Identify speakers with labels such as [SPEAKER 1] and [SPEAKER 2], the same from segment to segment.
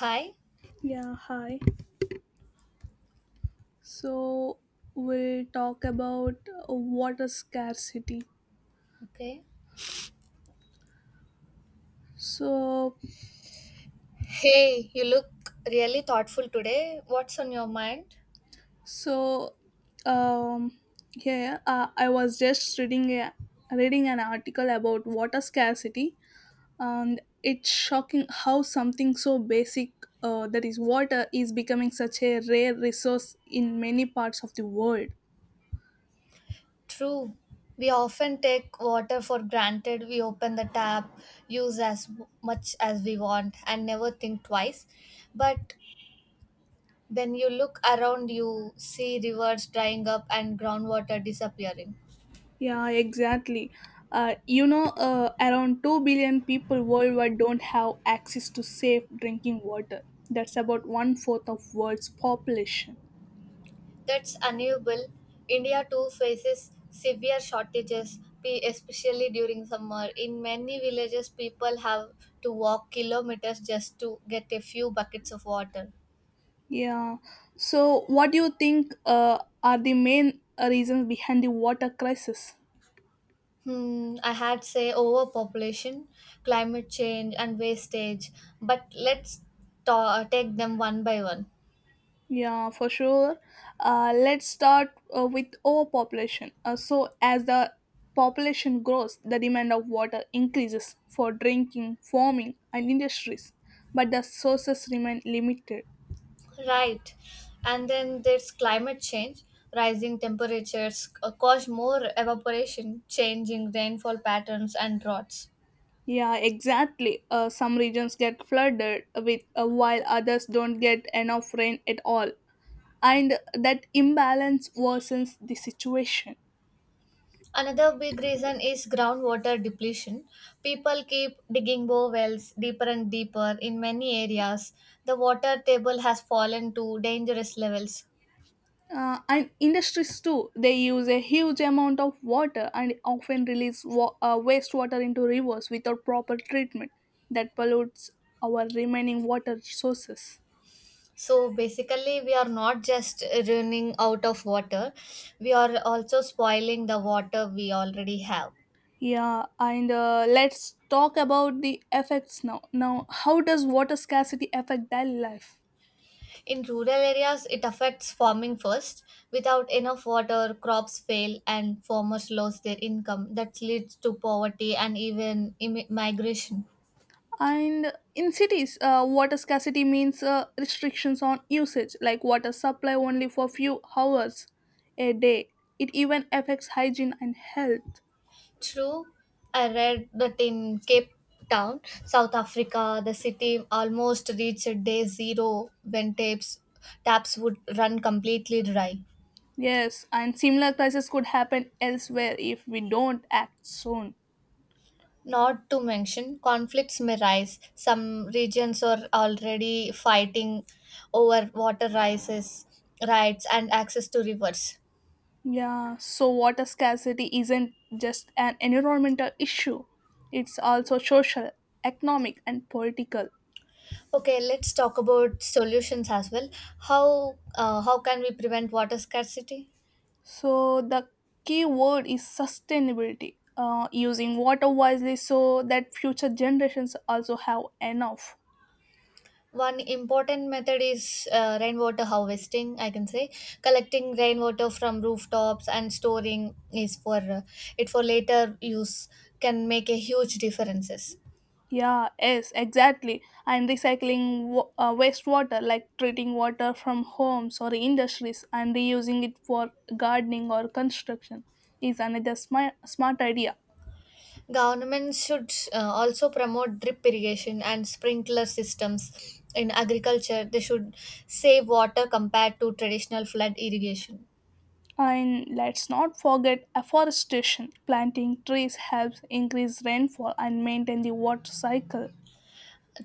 [SPEAKER 1] Hi.
[SPEAKER 2] Yeah, hi. So we'll talk about water scarcity.
[SPEAKER 1] Okay.
[SPEAKER 2] So,
[SPEAKER 1] Hey, you look really thoughtful today. What's on your mind?
[SPEAKER 2] so, um, yeah, I was just reading an article about water scarcity, and it's shocking how something so basic, that is water, is becoming such a rare resource in many parts of the world.
[SPEAKER 1] True. We often take water for granted. We open the tap, use as much as we want, and never think twice. But when you look around, you see rivers drying up and groundwater disappearing.
[SPEAKER 2] Yeah, exactly. Around 2 billion people worldwide don't have access to safe drinking water. That's about one fourth of world's population.
[SPEAKER 1] That's unable. India too faces severe shortages, especially during summer. In many villages, people have to walk kilometers just to get a few buckets of water.
[SPEAKER 2] Yeah. So, what do you think are the main reasons behind the water crisis?
[SPEAKER 1] Hmm, I had say overpopulation, climate change, and wastage. But let's take them one by one.
[SPEAKER 2] Yeah, for sure. Let's start with overpopulation. As the population grows, the demand of water increases for drinking, farming, and industries, but the sources remain limited.
[SPEAKER 1] Right. And then there's climate change. Rising temperatures cause more evaporation, changing rainfall patterns, and droughts.
[SPEAKER 2] Yeah, exactly. Some regions get flooded with, while others don't get enough rain at all, and that imbalance worsens the situation.
[SPEAKER 1] Another big reason is groundwater depletion. People keep digging bore wells deeper and deeper. In many areas, the water table has fallen to dangerous levels.
[SPEAKER 2] And industries too, they use a huge amount of water and often release wastewater into rivers without proper treatment that pollutes our remaining water sources.
[SPEAKER 1] So basically, we are not just running out of water, we are also spoiling the water we already have.
[SPEAKER 2] Yeah, and let's talk about the effects now. How does water scarcity affect daily life?
[SPEAKER 1] In rural areas, it affects farming first. Without enough water, crops fail and farmers lose their income. That leads to poverty and even migration.
[SPEAKER 2] And in cities, water scarcity means restrictions on usage, like water supply only for few hours a day. It even affects hygiene and health.
[SPEAKER 1] True, I read that in Cape Town, South Africa, the city almost reached day zero when taps would run completely dry.
[SPEAKER 2] Yes, and similar crises could happen elsewhere if we don't act soon.
[SPEAKER 1] Not to mention, conflicts may rise. Some regions are already fighting over rights, and access to rivers.
[SPEAKER 2] Yeah, so water scarcity isn't just an environmental issue, it's also social, economic, and political.
[SPEAKER 1] Okay, let's talk about solutions as well. How can we prevent water scarcity?
[SPEAKER 2] So, the key word is sustainability, using water wisely so that future generations also have enough.
[SPEAKER 1] One important method is rainwater harvesting, I can say. Collecting rainwater from rooftops and storing is for it for later use can make a huge differences.
[SPEAKER 2] Yeah, yes, exactly. And recycling wastewater, like treating water from homes or industries and reusing it for gardening or construction, is another smart idea.
[SPEAKER 1] Governments should also promote drip irrigation and sprinkler systems in agriculture. They should save water compared to traditional flood irrigation.
[SPEAKER 2] And let's not forget afforestation. Planting trees helps increase rainfall and maintain the water cycle.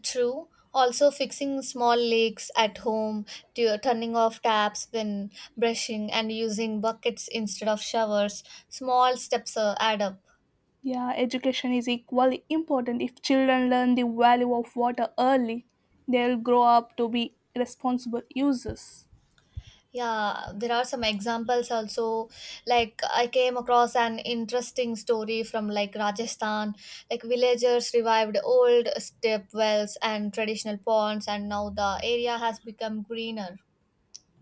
[SPEAKER 1] True. Also, fixing small leaks at home, turning off taps when brushing, and using buckets instead of showers. Small steps add up.
[SPEAKER 2] Yeah, education is equally important. If children learn the value of water early, they'll grow up to be responsible users.
[SPEAKER 1] Yeah, there are some examples also. Like, I came across an interesting story from like Rajasthan. Like, villagers revived old step wells and traditional ponds, and now the area has become greener.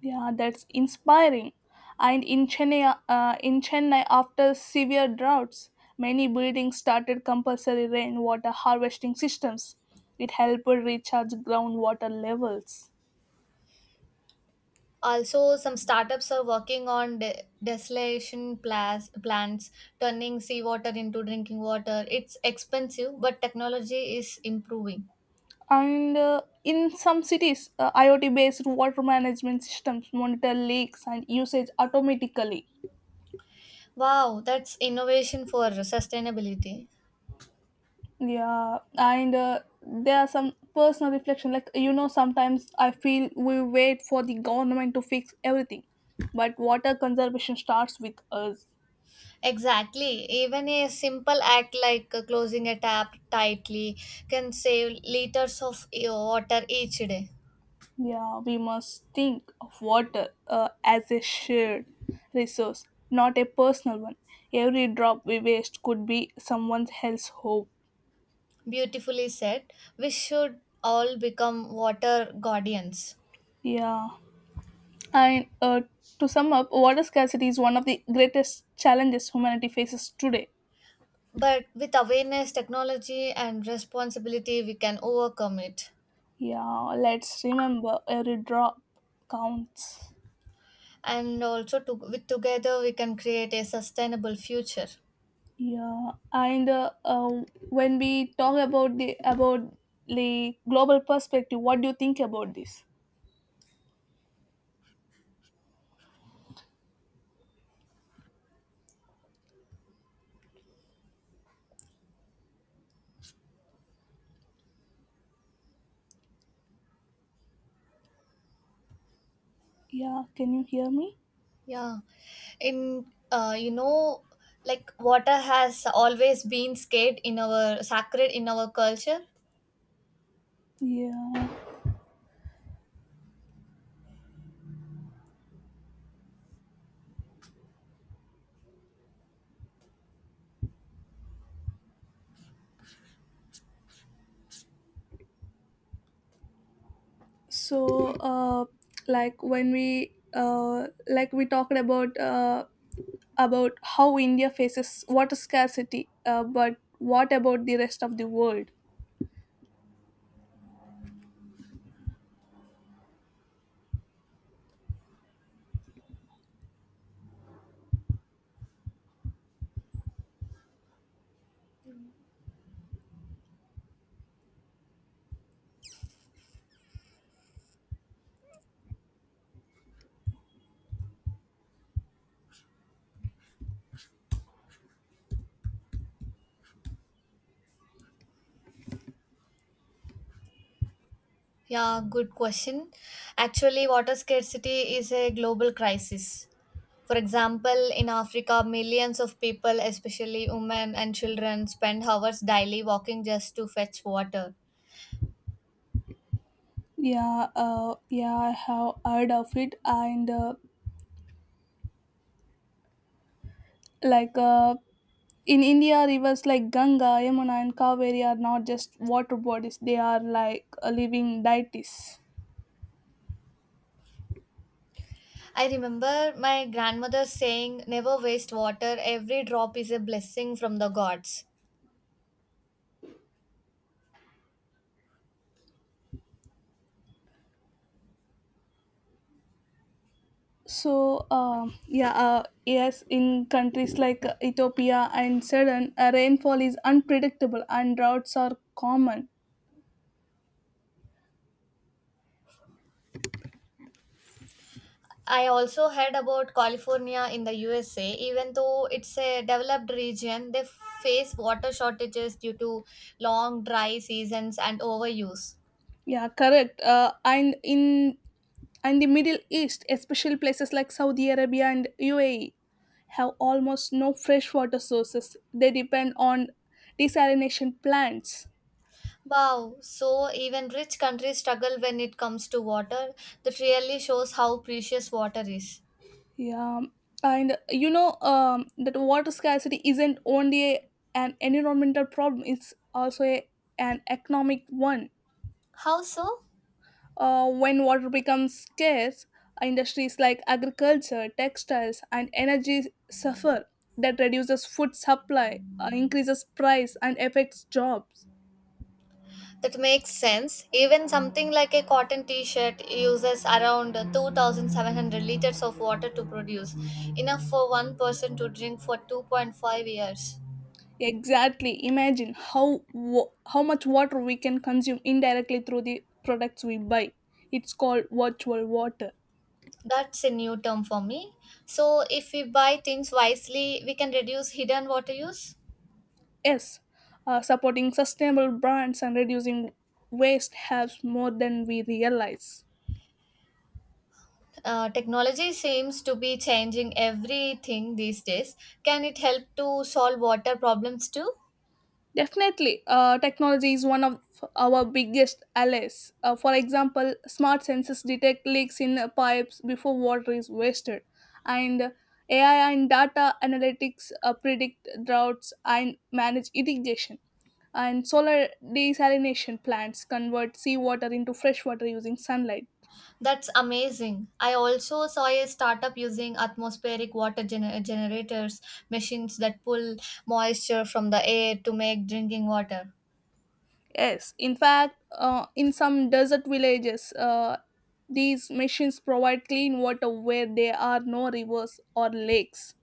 [SPEAKER 2] Yeah, that's inspiring. And in Chennai, after severe droughts, many buildings started compulsory rainwater harvesting systems. It helped recharge groundwater levels.
[SPEAKER 1] Also, some startups are working on desalination plants, turning seawater into drinking water. It's expensive, but technology is improving.
[SPEAKER 2] And in some cities, IoT-based water management systems monitor leaks and usage automatically.
[SPEAKER 1] Wow, that's innovation for sustainability.
[SPEAKER 2] Yeah, and there are some personal reflection. Like, you know, sometimes I feel we wait for the government to fix everything, but water conservation starts with us.
[SPEAKER 1] Exactly. Even a simple act like closing a tap tightly can save liters of water each day.
[SPEAKER 2] Yeah, we must think of water as a shared resource, not a personal one. Every drop we waste could be someone else's hope.
[SPEAKER 1] Beautifully said. We should all become water guardians.
[SPEAKER 2] Yeah, and to sum up, water scarcity is one of the greatest challenges humanity faces today.
[SPEAKER 1] But with awareness, technology, and responsibility, we can overcome it.
[SPEAKER 2] Yeah, let's remember every drop counts.
[SPEAKER 1] And also, to, with together, we can create a sustainable future.
[SPEAKER 2] Yeah, and when we talk about the global perspective, what do you think about this? Yeah, can you hear me?
[SPEAKER 1] Yeah, in you know, like water has always been scared in our sacred in our culture.
[SPEAKER 2] Yeah. So, uh, like when we like we talked about how India faces water scarcity, but what about the rest of the world?
[SPEAKER 1] Yeah, good question. Actually, water scarcity is a global crisis. For example, in Africa, millions of people, especially women and children, spend hours daily walking just to fetch water.
[SPEAKER 2] Yeah, I have heard of it, and like uh, in India, rivers like Ganga, Yamuna, and Kaveri are not just water bodies, they are like living deities.
[SPEAKER 1] I remember my grandmother saying, never waste water, every drop is a blessing from the gods.
[SPEAKER 2] Yes, in countries like Ethiopia and Sudan, rainfall is unpredictable and droughts are common.
[SPEAKER 1] I also heard about California in the USA. Even though it's a developed region, they face water shortages due to long dry seasons and overuse.
[SPEAKER 2] Yeah, correct. And the Middle East, especially places like Saudi Arabia and UAE, have almost no freshwater sources. They depend on desalination plants.
[SPEAKER 1] Wow, so even rich countries struggle when it comes to water. That really shows how precious water is.
[SPEAKER 2] Yeah, and you know, that water scarcity isn't only an environmental problem; it's also an economic one.
[SPEAKER 1] How so?
[SPEAKER 2] When water becomes scarce, industries like agriculture, textiles, and energy suffer. That reduces food supply, increases price, and affects jobs.
[SPEAKER 1] That makes sense. Even something like a cotton t-shirt uses around 2,700 liters of water to produce, enough for one person to drink for 2.5 years.
[SPEAKER 2] Exactly. Imagine how much water we can consume indirectly through the products we buy. It's called virtual water.
[SPEAKER 1] That's a new term for me. So if we buy things wisely, we can reduce hidden water use.
[SPEAKER 2] Yes, supporting sustainable brands and reducing waste helps more than we realize.
[SPEAKER 1] Technology seems to be changing everything these days. Can it help to solve water problems too?
[SPEAKER 2] Definitely, technology is one of our biggest allies. For example, smart sensors detect leaks in pipes before water is wasted, and AI and data analytics predict droughts and manage irrigation. And solar desalination plants convert seawater into fresh water using sunlight.
[SPEAKER 1] That's amazing. I also saw a startup using atmospheric water generators, machines that pull moisture from the air to make drinking water.
[SPEAKER 2] Yes, in fact, in some desert villages, these machines provide clean water where there are no rivers or lakes.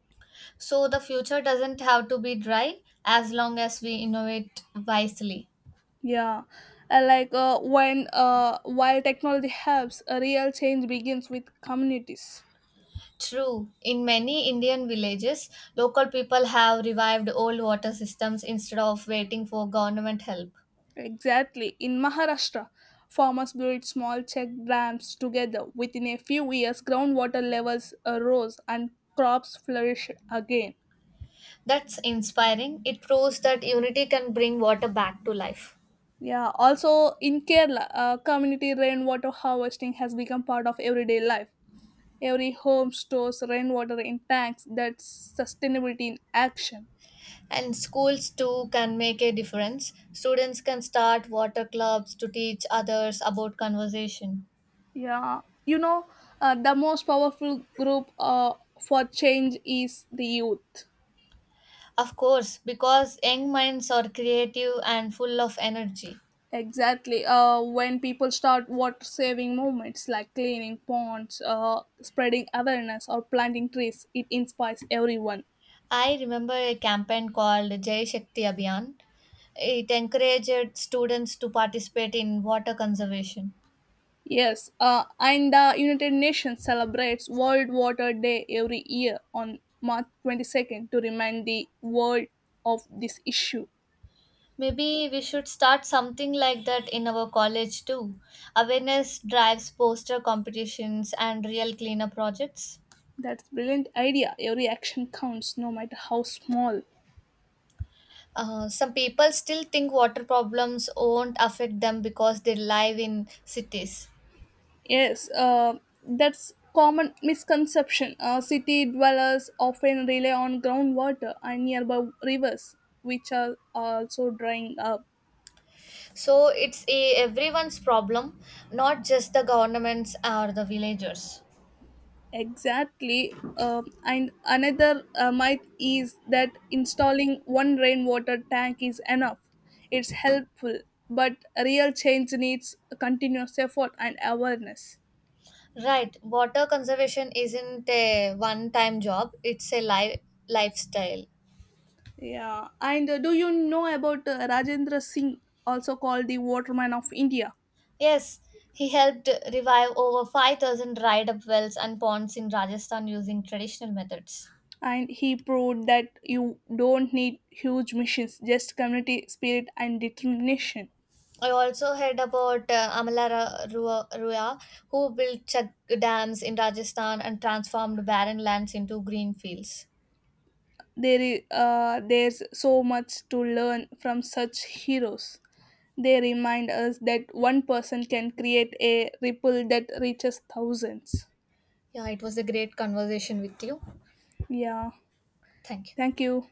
[SPEAKER 1] So the future doesn't have to be dry as long as we innovate wisely.
[SPEAKER 2] Yeah, and like when while technology helps, a real change begins with communities.
[SPEAKER 1] True, in many Indian villages, local people have revived old water systems instead of waiting for government help.
[SPEAKER 2] Exactly. In Maharashtra, farmers built small check dams together. Within a few years, groundwater levels rose and crops flourished again.
[SPEAKER 1] That's inspiring. It proves that unity can bring water back to life.
[SPEAKER 2] Yeah, also in Kerala, community rainwater harvesting has become part of everyday life. Every home stores rainwater in tanks. That's sustainability in action.
[SPEAKER 1] And schools too can make a difference. Students can start water clubs to teach others about conservation.
[SPEAKER 2] Yeah, you know, the most powerful group for change is the youth.
[SPEAKER 1] Of course, because young minds are creative and full of energy.
[SPEAKER 2] Exactly. When people start water saving movements, like cleaning ponds, spreading awareness, or planting trees, it inspires everyone.
[SPEAKER 1] I remember a campaign called Jai Shakti Abhiyan. It encouraged students to participate in water conservation.
[SPEAKER 2] Yes, and the United Nations celebrates World Water Day every year on March 22nd to remind the world of this issue.
[SPEAKER 1] Maybe we should start something like that in our college too. Awareness drives poster competitions and real cleanup projects.
[SPEAKER 2] That's brilliant idea. Every action counts, no matter how small.
[SPEAKER 1] Some people still think water problems won't affect them because they live in cities.
[SPEAKER 2] Yes, that's common misconception. City dwellers often rely on groundwater and nearby rivers, which are also drying up.
[SPEAKER 1] So it's a everyone's problem, not just the governments or the villagers.
[SPEAKER 2] Exactly. And another myth is that installing one rainwater tank is enough. It's helpful, but real change needs continuous effort and awareness.
[SPEAKER 1] Right, water conservation isn't a one-time job; it's a life lifestyle.
[SPEAKER 2] Yeah. And do you know about Rajendra Singh, also called the Waterman of India?
[SPEAKER 1] Yes, he helped revive over 5,000 dried-up wells and ponds in Rajasthan using traditional methods.
[SPEAKER 2] And he proved that you don't need huge missions, just community spirit and determination.
[SPEAKER 1] I also heard about Amala Rua, who built chak dams in Rajasthan and transformed barren lands into green fields.
[SPEAKER 2] There's so much to learn from such heroes. They remind us that one person can create a ripple that reaches thousands.
[SPEAKER 1] Yeah, it was a great conversation with you.
[SPEAKER 2] Yeah.
[SPEAKER 1] Thank you.
[SPEAKER 2] Thank you.